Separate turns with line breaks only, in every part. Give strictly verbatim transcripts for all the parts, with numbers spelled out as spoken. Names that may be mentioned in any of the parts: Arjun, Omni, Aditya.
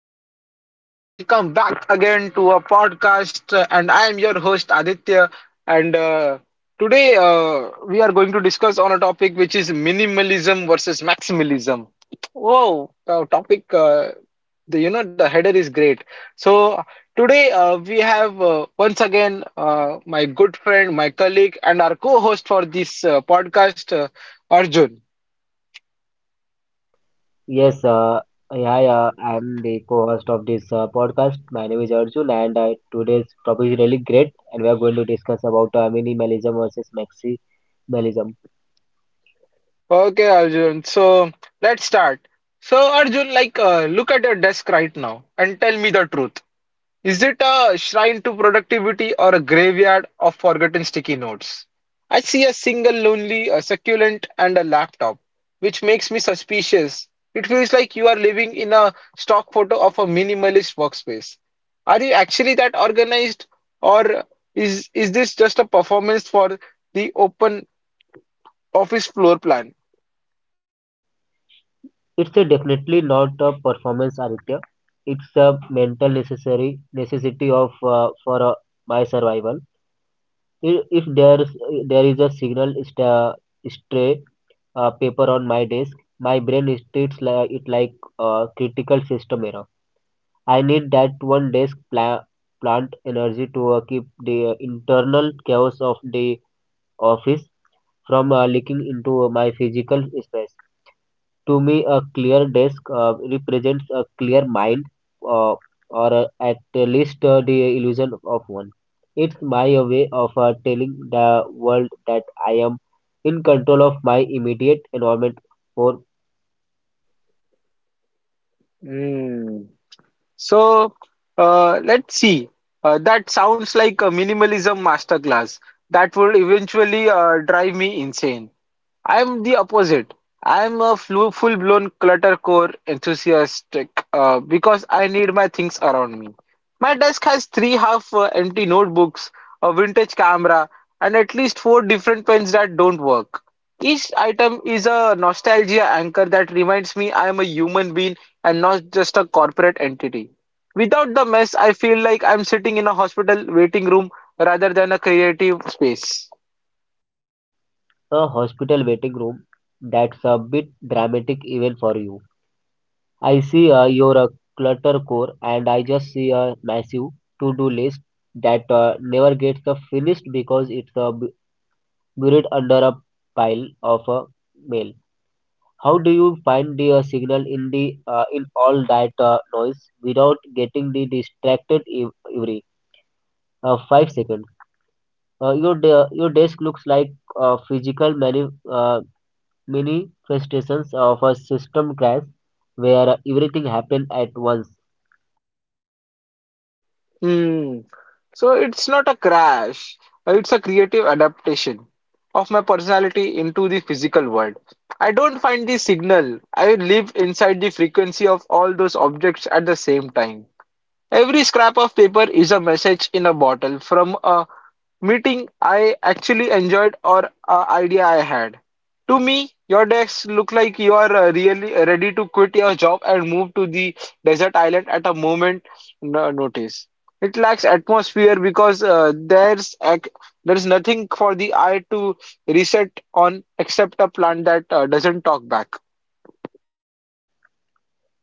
hello everyone, and welcome back again to a podcast. uh, And I am your host Aditya. And uh, today uh, we are going to discuss on a topic which is minimalism versus maximalism. Whoa, the topic! Uh, the you know the header is great. So today uh, we have uh, once again uh, my good friend, my colleague, and our co-host for this uh, podcast, uh, Arjun.
Yes, uh, yeah, yeah, I'm the co-host of this uh, podcast. My name is Arjun, and uh, today's topic is really great, and we are going to discuss about uh, minimalism versus maximalism.
Okay, Arjun. So let's start. So Arjun, like, uh, look at your desk right now and tell me the truth. Is it a shrine to productivity or a graveyard of forgotten sticky notes? I see a single lonely, a succulent, and a laptop, which makes me suspicious. It feels like you are living in a stock photo of a minimalist workspace. Are you actually that organized, or is is this just a performance for the open office floor plan?
It's uh, definitely not a performance art. It's a mental necessary necessity of uh, for uh, my survival. If, if there's there is a signal sta stray uh, paper on my desk, my brain treats like, it like a critical system error. I need that one desk pla- plant energy to uh, keep the uh, internal chaos of the office from uh, leaking into uh, my physical space. To me, a clear desk uh, represents a clear mind, uh, or uh, at least uh, the illusion of one. It's my uh, way of uh, telling the world that I am in control of my immediate environment. For
Hmm. So uh, let's see. Uh, that sounds like a minimalism masterclass that would eventually uh, drive me insane. I'm the opposite. I'm a flu full-blown cluttercore core enthusiastic uh, because I need my things around me. My desk has three half-empty notebooks, a vintage camera, and at least four different pens that don't work. Each item is a nostalgia anchor that reminds me I am a human being and not just a corporate entity. Without the mess, I feel like I'm sitting in a hospital waiting room rather than a creative space.
A hospital waiting room. That's a bit dramatic even for you. I see uh, your uh, clutter core, and I just see a massive to-do list that uh, never gets uh, finished because it's uh, bu- buried under a pile of uh, mail. How do you find the uh, signal in the uh, in all that uh, noise without getting the distracted ev- every uh, five seconds? Uh, your de- your desk looks like uh, physical mani- uh, manifestations of a system crash where everything happened at once.
Hmm. So it's not a crash, it's a creative adaptation of my personality into the physical world. I don't find the signal, I live inside the frequency of all those objects at the same time. Every scrap of paper is a message in a bottle from a meeting I actually enjoyed or an idea I had. To me, your decks look like you are uh, really ready to quit your job and move to the desert island at a moment no- notice. It lacks atmosphere because uh, there's ac- there's nothing for the eye to reset on except a plant that uh, doesn't talk back.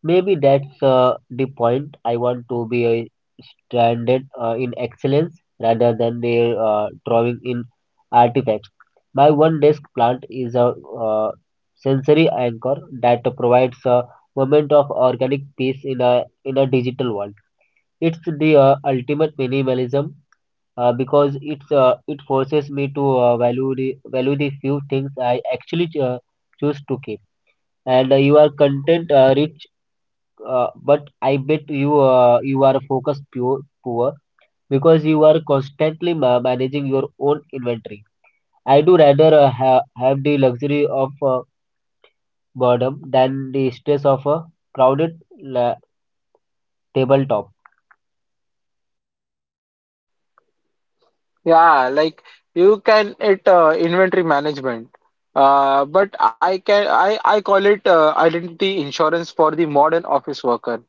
Maybe that's uh, the point. I want to be uh, stranded uh, in excellence rather than the uh, drawing in artifacts. My one desk plant is a uh, sensory anchor that provides a moment of organic peace in a in a digital world. It's the uh, ultimate minimalism uh, because it's uh, it forces me to uh, value the value the few things I actually uh, choose to keep. And uh, you are content uh, rich, uh, but I bet you uh, you are focused pure poor because you are constantly ma- managing your own inventory. I do rather uh, ha- have the luxury of uh, boredom than the stress of a crowded la- tabletop.
Yeah, like you can it uh, inventory management. Uh, but I can I, I call it uh, identity insurance for the modern office worker.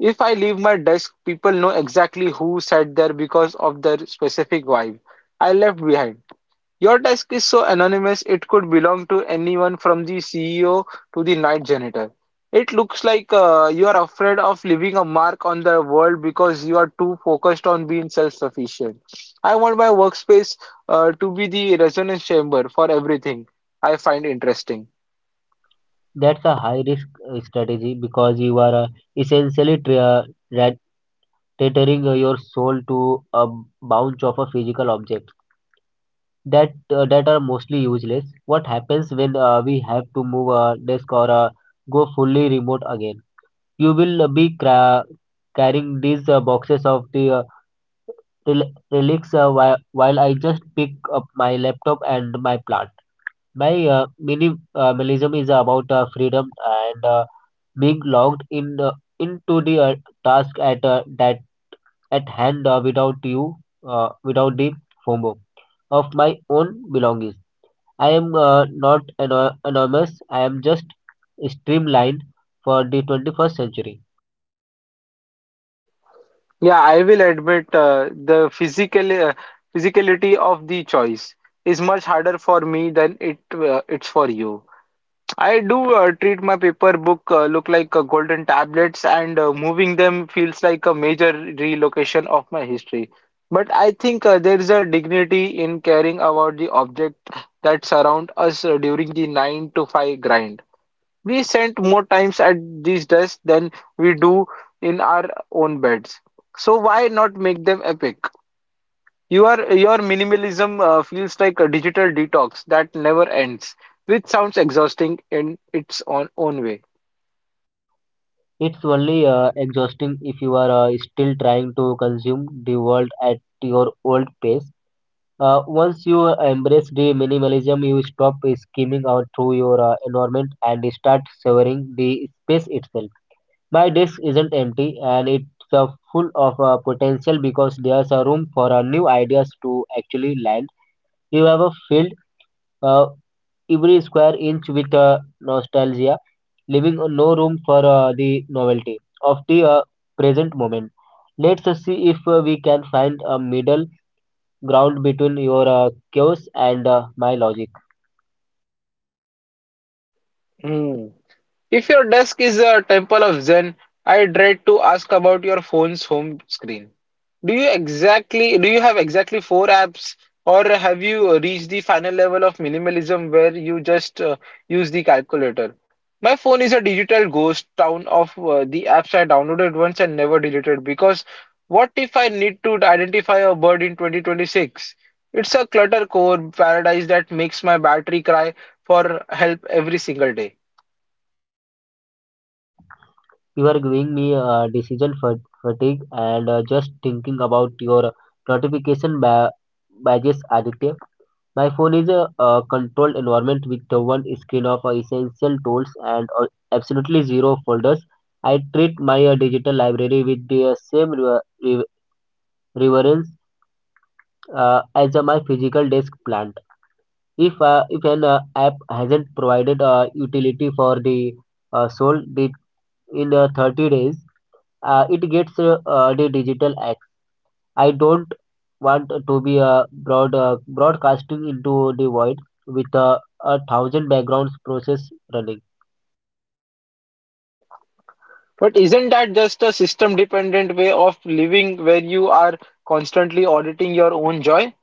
If I leave my desk, people know exactly who sat there because of their specific vibe I left behind. Your task is so anonymous it could belong to anyone from the C E O to the night janitor. It looks like uh, you are afraid of leaving a mark on the world because you are too focused on being self sufficient. I want my workspace uh, to be the resonance chamber for everything I find interesting.
That's a high risk uh, strategy because you are uh, essentially tra- uh, tethering uh, your soul to a bounce of a physical object that uh, that are mostly useless. What happens when uh, we have to move a desk or uh, go fully remote again? You will uh, be cra- carrying these uh, boxes of the uh, rel- relics, uh, while, while I just pick up my laptop and my plant. My uh, minimalism is about uh, freedom and uh, being logged in uh, into the uh, task at uh, that at hand uh, without you uh, without the FOMO of my own belongings. I am uh, not ano- anonymous. I am just streamlined for the twenty-first century.
Yeah, I will admit uh, the physical uh, physicality of the choice is much harder for me than it uh, it's for you. I do uh, treat my paper book uh, look like uh, golden tablets, and uh, moving them feels like a major relocation of my history. But I think uh, there is a dignity in caring about the object that surround us uh, during the nine to five grind. We spend more times at these desks than we do in our own beds. So why not make them epic? You are your minimalism uh, feels like a digital detox that never ends, which sounds exhausting in its own own way.
It's only uh, exhausting if you are uh, still trying to consume the world at your old pace. Uh, once you embrace the minimalism, you stop skimming out through your uh, environment and start savoring the space itself. My desk isn't empty, and it's uh, full of uh, potential because there's a room for uh, new ideas to actually land. You have a field uh, every square inch with uh, nostalgia, leaving no room for uh, the novelty of the uh, present moment. Let's uh, see if uh, we can find a middle ground between your uh, chaos and uh, my logic.
Hmm. If your desk is a temple of Zen, I dread to ask about your phone's home screen. Do you exactly do you have exactly four apps, or have you uh, reached the final level of minimalism where you just uh, use the calculator? My phone is a digital ghost town of uh, the apps I downloaded once and never deleted because what if I need to identify a bird in twenty twenty-six? It's a clutter core paradise that makes my battery cry for help every single day.
You are giving me uh, decision fatigue and uh, just thinking about your notification ba- badges, Aditya. My phone is a uh controlled environment with the one screen of uh, essential tools and uh, absolutely zero folders. I treat my uh, digital library with the uh, same rever- rever- reverence uh, as uh, my physical desk plant. If uh, if an uh, app hasn't provided uh, utility for the uh, soul di- in uh, thirty days, uh, it gets uh, uh, the digital. I don't want to be uh, broad, uh, broadcasting into the void with uh, a thousand backgrounds process running.
But isn't that just a system dependent way of living where you are constantly auditing your own joy?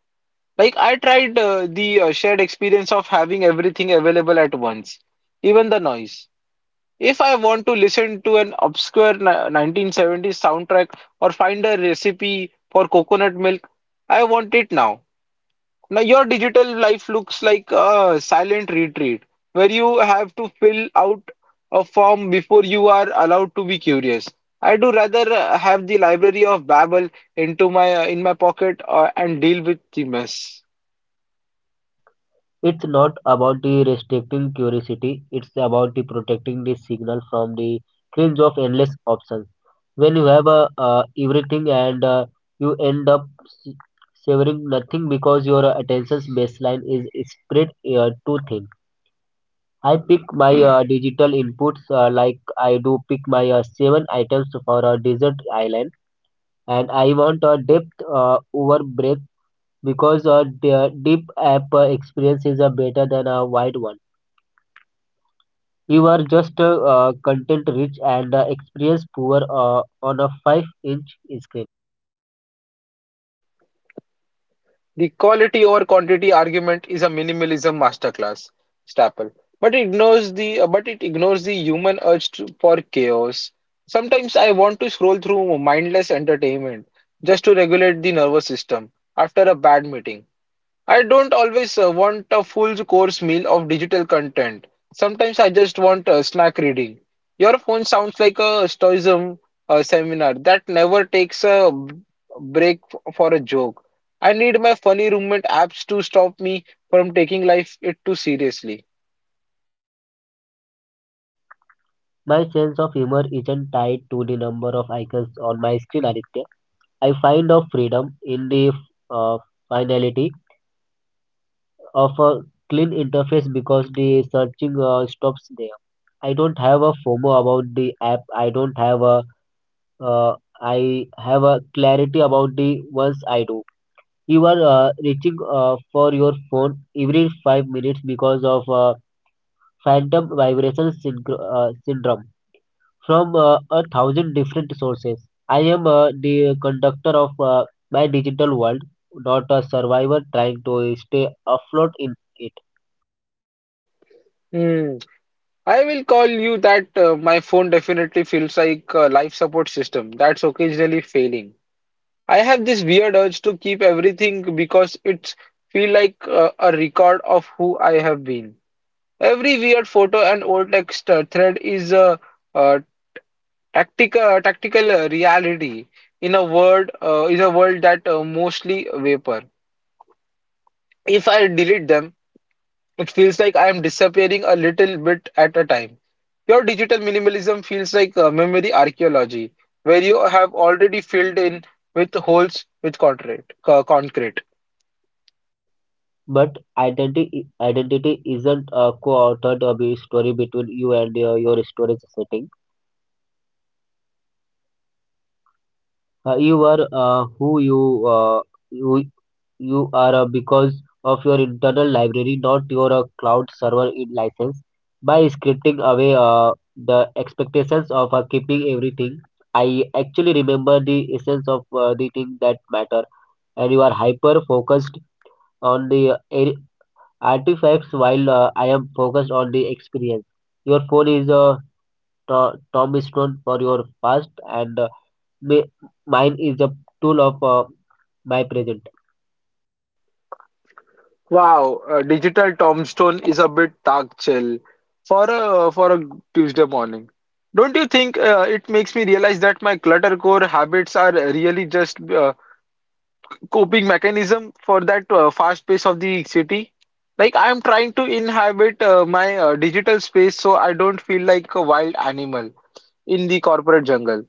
Like I tried uh, the uh, shared experience of having everything available at once, even the noise. If I want to listen to an obscure ni- nineteen seventies soundtrack or find a recipe for coconut milk, I want it now. Now your digital life looks like a silent retreat where you have to fill out a form before you are allowed to be curious. I do rather uh, have the library of Babel into my uh, in my pocket uh, and deal with the mess.
It's not about the restricting curiosity, it's about the protecting the signal from the cringe of endless options. When you have uh, uh, everything and uh, you end up s- savoring nothing because your attention's baseline is spread uh, too thin. I pick my uh, digital inputs uh, like I do pick my uh, seven items for a desert island, and I want a depth uh, over breadth because a de- deep app uh, experience is uh, better than a wide one. You are just uh, uh, content rich and uh, experience poor uh, on a five inch screen.
The quality over quantity argument is a minimalism masterclass, Staple, but it ignores the uh, but it ignores the human urge to, for chaos. Sometimes I want to scroll through mindless entertainment just to regulate the nervous system after a bad meeting. I don't always uh, want a full course meal of digital content. Sometimes I just want uh, snack reading. Your phone sounds like a stoicism uh, seminar that never takes a b- break f- for a joke. I need my funny roommate apps to stop me from taking life it too seriously.
My sense of humor isn't tied to the number of icons on my screen, Aditya. I find a freedom in the uh, finality of a clean interface because the searching uh, stops there. I don't have a FOMO about the app. I don't have a uh, I have a clarity about the ones I do. You are uh, reaching uh, for your phone every five minutes because of uh, phantom vibration syncro- uh, syndrome from uh, a thousand different sources. I am uh, the conductor of uh, my digital world, not a survivor trying to stay afloat in it.
Hmm. I will call you that uh, my phone definitely feels like a life support system that's occasionally failing. I have this weird urge to keep everything because it's feel like uh, a record of who I have been. Every weird photo and old text uh, thread is a, uh tactical tactical uh, reality in a world uh, in a world that uh, mostly vapor. If I delete them, it feels like I am disappearing a little bit at a time. Your digital minimalism feels like uh, memory archaeology, where you have already filled in with holes with concrete. Uh, concrete.
But identity identity isn't a co-authored uh, story between you and uh, your storage setting. Uh, you are uh, who you uh, you you are uh, because of your internal library, not your uh, cloud server in license. By scripting away uh, the expectations of uh, keeping everything, I actually remember the essence of uh, the thing that matter, and you are hyper focused on the artifacts while uh, I am focused on the experience. Your phone is a to- tombstone for your past, and uh, mi- mine is a tool of uh, my present.
Wow, uh, digital tombstone is a bit dark chill for a for a Tuesday morning. Don't you think uh, it makes me realize that my clutter core habits are really just uh, coping mechanism for that uh, fast pace of the city? Like I am trying to inhabit uh, my uh, digital space so I don't feel like a wild animal in the corporate jungle.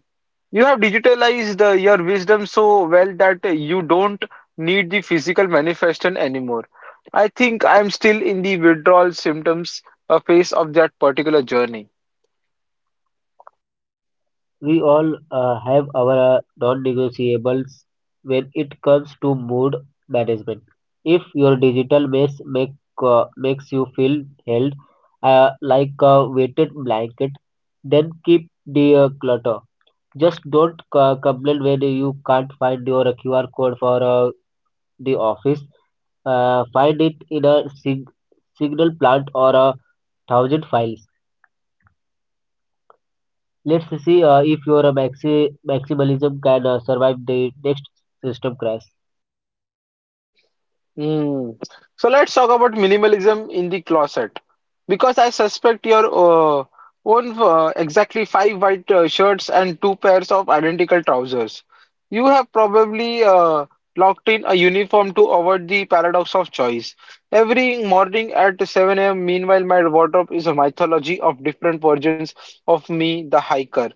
You have digitalized uh, your wisdom so well that uh, you don't need the physical manifestation anymore. I think I'm still in the withdrawal symptoms uh, phase of that particular journey.
We all uh, have our uh, non negotiables when it comes to mood management. If your digital mess make, uh, makes you feel held uh, like a weighted blanket, then keep the uh, clutter. Just don't co- complain when you can't find your Q R code for uh, the office. Uh, find it in a sig- signal plant or a thousand files. Let's see uh, if your maxi- maximalism can uh, survive the next system crash.
Mm. So let's talk about minimalism in the closet because I suspect your uh, own uh, exactly five white uh, shirts and two pairs of identical trousers. You have probably uh, locked in a uniform to avoid the paradox of choice. Every morning at seven a m, meanwhile, my wardrobe is a mythology of different versions of me, the hiker.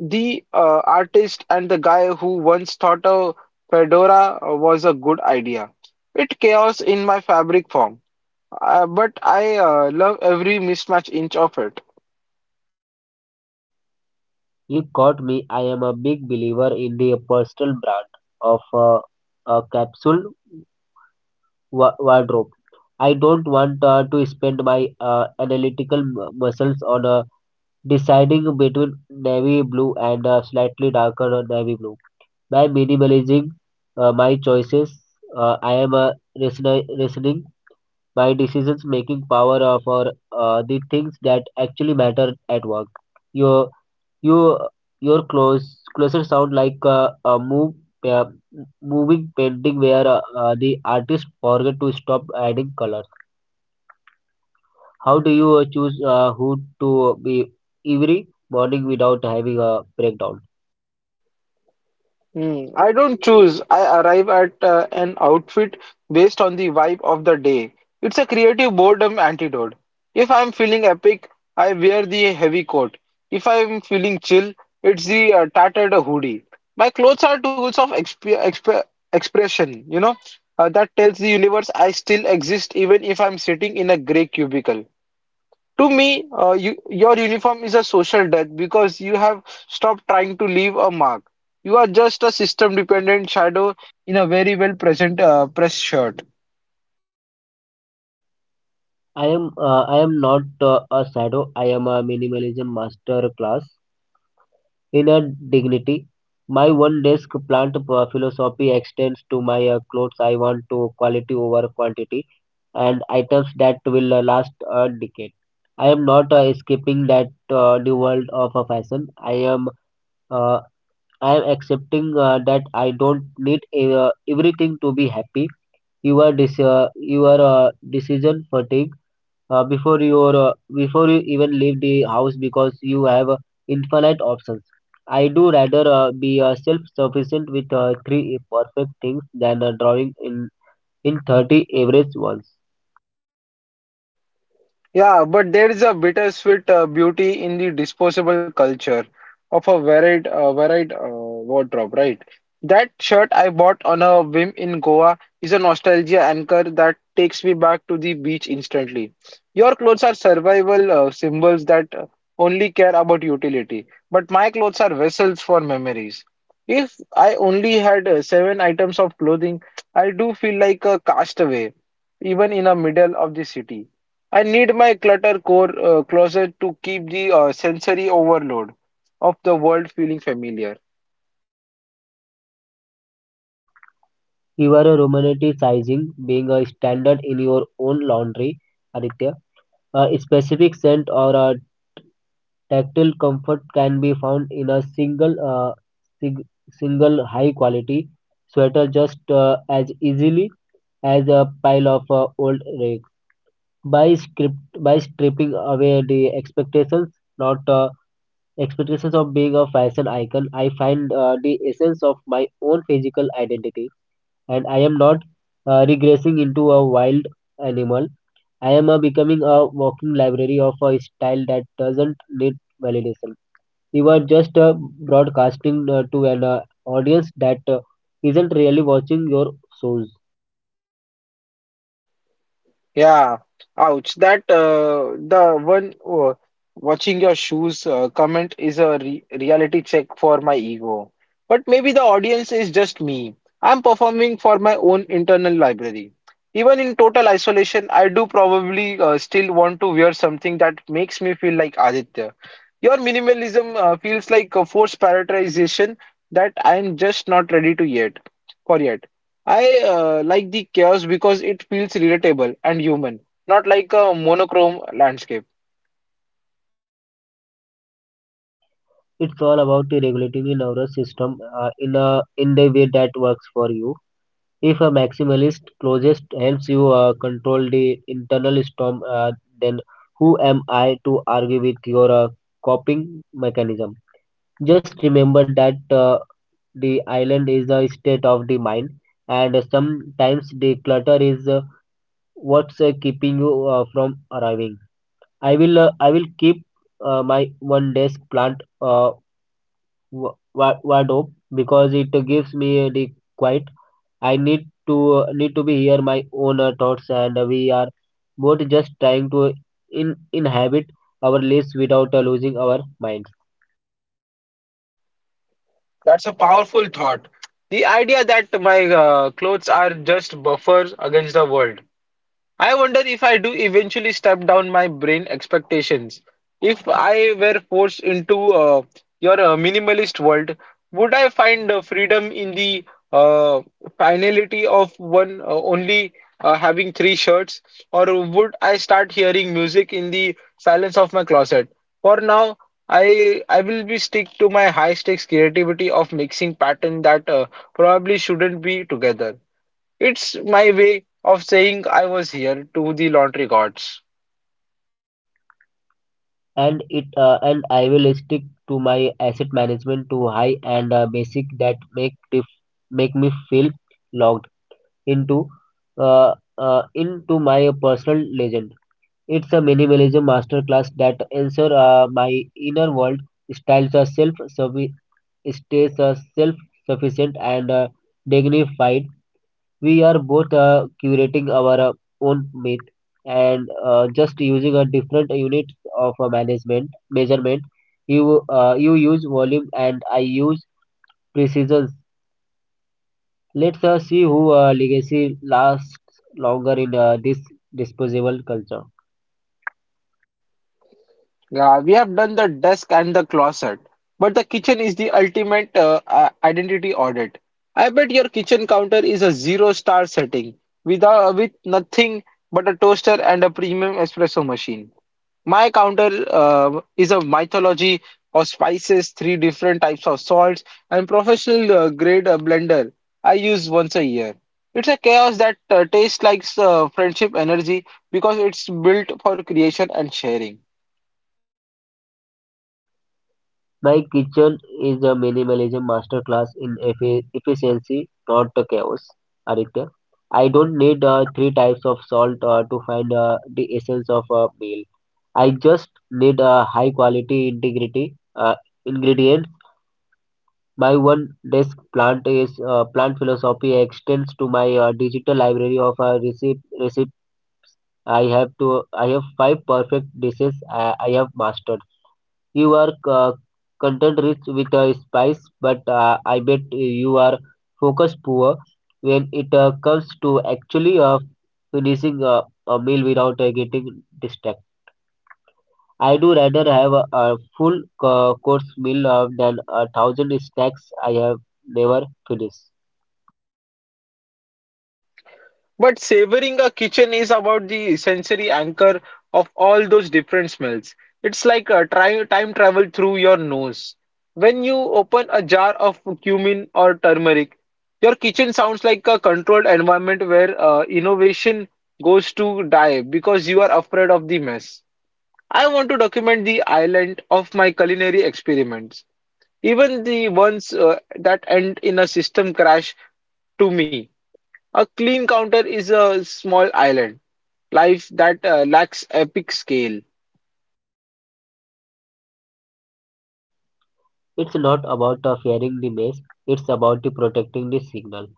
The uh, artist and the guy who once thought a fedora was a good idea. It chaos in my fabric form, uh, but I uh, love every mismatch inch of it.
You caught me. I am a big believer in the personal brand of uh, a capsule wa- wardrobe. I don't want uh, to spend my uh, analytical mu- muscles on a deciding between navy blue and a slightly darker navy blue. By minimalizing uh, my choices, uh, I am uh, reasoning my decisions making power uh, for uh, the things that actually matter at work. Your you your clothes closer sound like uh, a move uh, moving painting where uh, uh, the artist forget to stop adding colors. How do you uh, choose uh, who to be every morning without having a breakdown?
Hmm, I don't choose. I arrive at uh, an outfit based on the vibe of the day. It's a creative boredom antidote. If I'm feeling epic, I wear the heavy coat. If I'm feeling chill, it's the uh, tattered hoodie. My clothes are tools of exp exp expression, you know, uh, that tells the universe I still exist even if I'm sitting in a gray cubicle. To me, uh, you, your uniform is a social death because you have stopped trying to leave a mark. You are just a system-dependent shadow in a very well-present uh, press shirt.
I am uh, I am not uh, a shadow. I am a minimalism master class in a dignity. My one desk plant uh, philosophy extends to my uh, clothes. I want to quality over quantity, and items that will uh, last a decade. I am not uh, escaping that uh, new world of a fashion. I am uh, I am accepting uh, that I don't need uh, everything to be happy. You are dis- uh, you are uh, decision fatigue uh, before your uh, before you even leave the house because you have uh, infinite options. I do rather uh, be uh, self-sufficient with uh, three perfect things than uh, drawing in in thirty average ones.
Yeah, but there is a bittersweet uh, beauty in the disposable culture of a varied, uh, varied uh, wardrobe, right? That shirt I bought on a whim in Goa is a nostalgia anchor that takes me back to the beach instantly. Your clothes are survival uh, symbols that uh, only care about utility, but my clothes are vessels for memories. If I only had uh, seven items of clothing, I do feel like a castaway, even in the middle of the city. I need my clutter core uh, closet to keep the uh, sensory overload of the world feeling familiar.
You are uh, romanticizing being a standard in your own laundry, Aditya. A specific scent or a tactile comfort can be found in a single uh, sig- single high quality sweater just uh, as easily as a pile of uh, old rags, by script by stripping away the expectations, not uh, expectations of being a fashion icon. I find uh, the essence of my own physical identity, and I am not uh, regressing into a wild animal. I am uh, becoming a walking library of a style that doesn't need validation. You are just uh, broadcasting uh, to an uh, audience that uh, isn't really watching your shows.
Yeah, ouch. That uh, the one uh, watching your shoes uh, comment is a re reality check for my ego. But maybe the audience is just me. I'm performing for my own internal library. Even in total isolation, I do probably uh, still want to wear something that makes me feel like Aditya. Your minimalism uh, feels like a forced prioritization that I'm just not ready to yet for yet. I uh, like the chaos because it feels relatable and human, not like a monochrome landscape.
It's all about the regulating the nervous system uh, in a in the way that works for you. If a maximalist closest helps you uh, control the internal storm, uh, then who am I to argue with your uh, coping mechanism? Just remember that uh, the island is a state of the mind, and sometimes the clutter is uh, what's uh, keeping you uh, from arriving. i will uh, I will keep uh, my one desk plant uh, wa- wa- wardrobe because it gives me the quiet. I need to need to be here my own uh, thoughts, and we are both just trying to in inhabit our lives without uh, losing our minds.
That's a powerful thought. The idea that my uh, clothes are just buffers against the world. I wonder if I do eventually step down my brain expectations. If I were forced into uh, your uh, minimalist world, would I find uh, freedom in the uh, finality of one uh, only uh, having three shirts, or would I start hearing music in the silence of my closet? For now, I I will be stick to my high stakes creativity of mixing pattern that uh, probably shouldn't be together. It's my way of saying I was here to the laundry gods.
And it uh, and I will stick to my asset management to high and uh, basic that make dif- make me feel logged into uh, uh, into my personal legend. It's a minimalism masterclass that answers uh, my inner world, styles are self stays are self-sufficient and uh, dignified. We are both uh, curating our uh, own myth and uh, just using a different unit of uh, management measurement. You uh, you use volume and I use precision. Let's uh, see who uh, legacy lasts longer in uh, this disposable culture.
Yeah, we have done the desk and the closet, but the kitchen is the ultimate uh, i- identity audit. I bet your kitchen counter is a zero star setting without with nothing but a toaster and a premium espresso machine. My counter uh, is a mythology of spices, three different types of salts, and professional uh, grade uh, blender I use once a year. It's a chaos that uh, tastes like uh, friendship energy because it's built for creation and sharing.
My kitchen is a minimalism masterclass in effi- efficiency, not the chaos. Aditya, I don't need uh, three types of salt uh, to find uh, the essence of a meal. I just need a high quality integrity uh, ingredient. My one desk plant is uh, plant philosophy extends to my uh, digital library of uh, receipt receipt. I have to I have five perfect dishes I, I have mastered. You are uh, content-rich with uh, spice, but uh, I bet you are focus-poor when it uh, comes to actually uh, finishing uh, a meal without uh, getting distracted. I do rather have a, a full uh, course meal uh, than a thousand snacks I have never finished.
But savoring a kitchen is about the sensory anchor of all those different smells. It's like a tri time travel through your nose. When you open a jar of cumin or turmeric, your kitchen sounds like a controlled environment where uh, innovation goes to die because you are afraid of the mess. I want to document the island of my culinary experiments, even the ones uh, that end in a system crash to me. A clean counter is a small island life that uh, lacks epic scale.
It's not about uh, fearing the mess; it's about the protecting the signal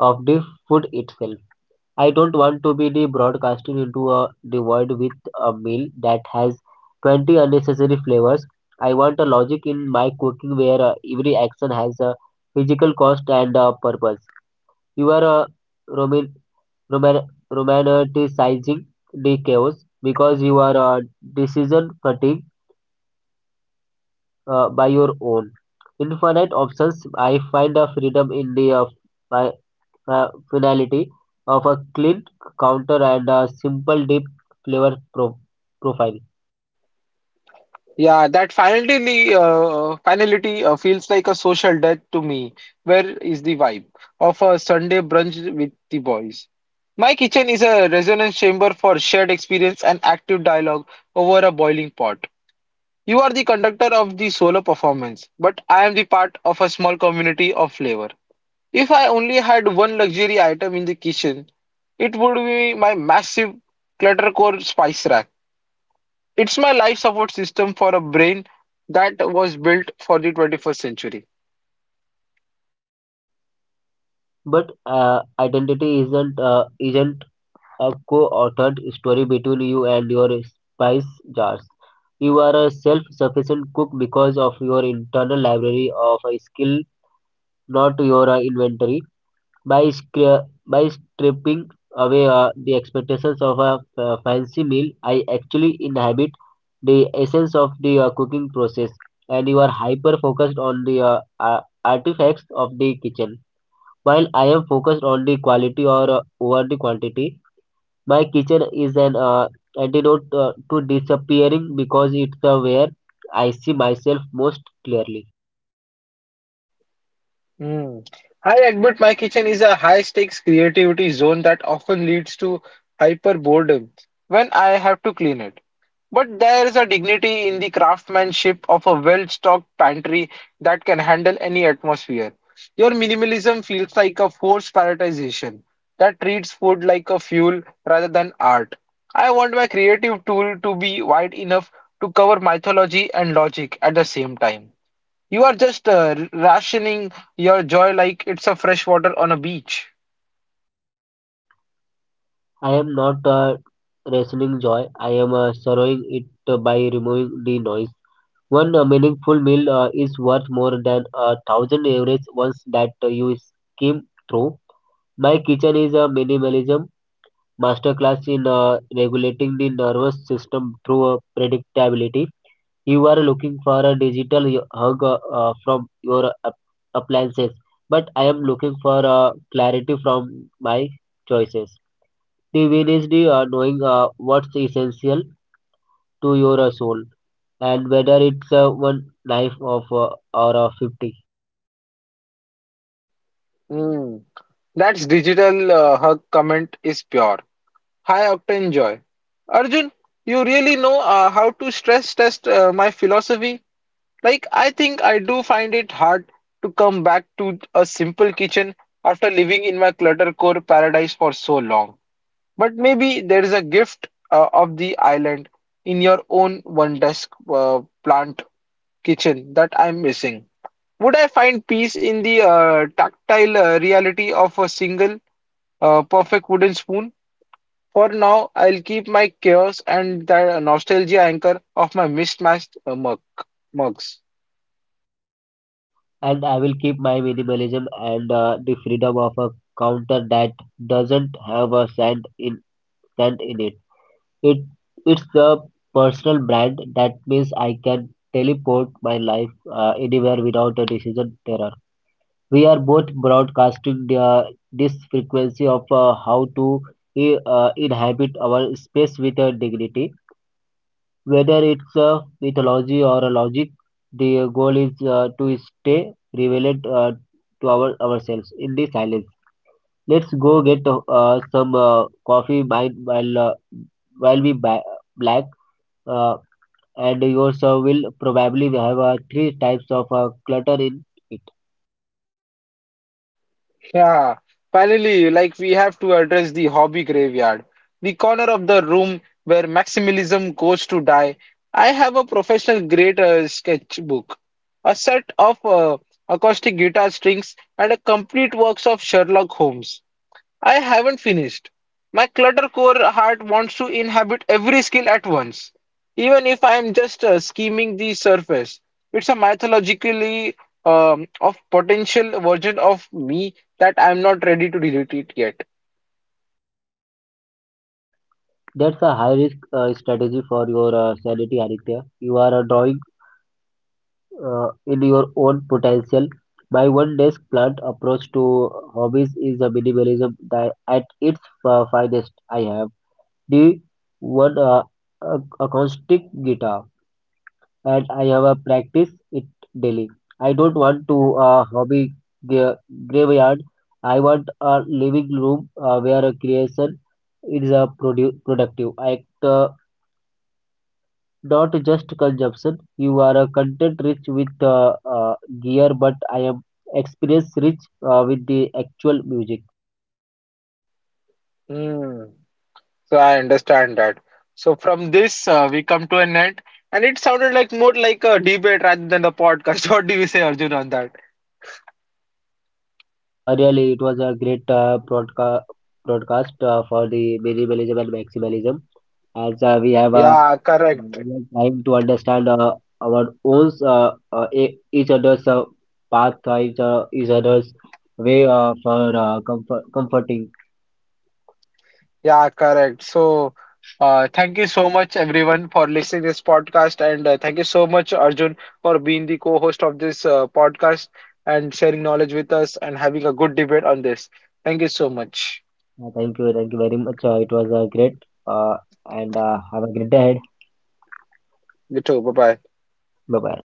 of the food itself. I don't want to be the broadcasting into a devoid with a meal that has twenty unnecessary flavors. I want a logic in my cooking where uh, every action has a physical cost and a purpose. You are uh, roman- roman- romanticizing the chaos because you are uh, decision fatigue uh, by your own. Infinite options, I find a freedom in the uh, my uh, finality of a clean counter and a simple deep flavor pro- profile.
Yeah, that finality, uh, finality uh, feels like a social death to me. Where is the vibe of a Sunday brunch with the boys? My kitchen is a resonance chamber for shared experience and active dialogue over a boiling pot. You are the conductor of the solo performance, but I am the part of a small community of flavor. If I only had one luxury item in the kitchen, it would be my massive cluttercore spice rack. It's my life support system for a brain that was built for the twenty-first century.
But uh, identity isn't uh, isn't a co-authored story between you and your spice jars. You are a self-sufficient cook because of your internal library of a skill, not your uh, inventory. by scra- by stripping away uh, the expectations of a f- fancy meal, I actually inhabit the essence of the uh, cooking process, and you are hyper focused on the uh, uh, artifacts of the kitchen. While I am focused on the quality or uh, over the quantity, my kitchen is an uh, antidote uh, to disappearing because it's uh, where I see myself most clearly.
Mm. I admit my kitchen is a high-stakes creativity zone that often leads to hyper boredom when I have to clean it. But there is a dignity in the craftsmanship of a well-stocked pantry that can handle any atmosphere. Your minimalism feels like a forced prioritization that treats food like a fuel rather than art. I want my creative tool to be wide enough to cover mythology and logic at the same time. You are just uh, rationing your joy like it's a fresh water on a beach.
I am not uh, rationing joy, I am uh, sorrowing it uh, by removing the noise. One uh, meaningful meal uh, is worth more than a thousand average ones that uh, you skim through. My kitchen is a minimalism masterclass in uh, regulating the nervous system through uh, predictability. You are looking for a digital y- hug uh, uh, from your app- appliances, but I am looking for uh, clarity from my choices. The Divinity uh, knowing uh, what's essential to your uh, soul and whether it's uh, one knife of uh, or uh, fifty.
Mm. That's digital. Uh, her comment is pure. High octane joy. Arjun, you really know uh, how to stress test uh, my philosophy. Like, I think I do find it hard to come back to a simple kitchen after living in my cluttercore paradise for so long. But maybe there is a gift uh, of the island in your own one desk uh, plant kitchen that I'm missing? Would I find peace in the uh, tactile uh, reality of a single uh, perfect wooden spoon? For now, I'll keep my chaos and the nostalgia anchor of my mismatched uh, mug mugs.
And I will keep my minimalism and uh, the freedom of a counter that doesn't have a sand in sand in it it It's a personal brand that means I can teleport my life uh, anywhere without a decision there. We're both broadcasting the this frequency of uh, how to uh, inhabit our space with uh, dignity. Whether it's uh, mythology or logic, the goal is uh, to stay relevant uh, to our ourselves in the silence. Let's go get uh, some uh, coffee, mine while uh, while we ba- black, uh, and yours uh, will probably have uh, three types of uh, clutter in it.
Yeah, finally, like we have to address the hobby graveyard, the corner of the room where maximalism goes to die. I have a professional grade uh, sketchbook, a set of uh, acoustic guitar strings, and a complete works of Sherlock Holmes. I haven't finished. My clutter-core heart wants to inhabit every skill at once, even if I am just uh, skimming the surface. It's a mythologically um, of potential version of me that I'm not ready to delete it yet.
That's a high risk uh, strategy for your uh, sanity, Aditya. You are uh, drawing uh, in your own potential. My one desk plant approach to hobbies is a minimalism di- at its uh, finest. I have the one uh, a- acoustic guitar and I have a practice it daily. I don't want to uh, hobby gra- graveyard. I want a living room uh, where a creation is a produ- productive act. uh, Not just consumption. You are uh, content rich with uh, uh, gear, but I am experience rich uh, with the actual music.
Hmm. So I understand that. So from this, uh, we come to an end, and it sounded like more like a debate rather than a podcast. What do you say, Arjun, on that?
Uh, really, it was a great uh, broadca- broadcast uh, for the minimalism and maximalism, as uh, we have a
Yeah, correct.
we have time to understand uh, our own uh, uh, e- each other's uh, path, uh, each, uh, each other's way uh, for uh, comfort, comforting.
Yeah, correct. So, uh, thank you so much, everyone, for listening this podcast, and uh, thank you so much, Arjun, for being the co-host of this uh, podcast and sharing knowledge with us and having a good debate on this. Thank you so much.
Uh, thank you, thank you very much. Uh, it was uh, great, uh, and uh, have a great day ahead.
You too. Bye bye.
Bye bye.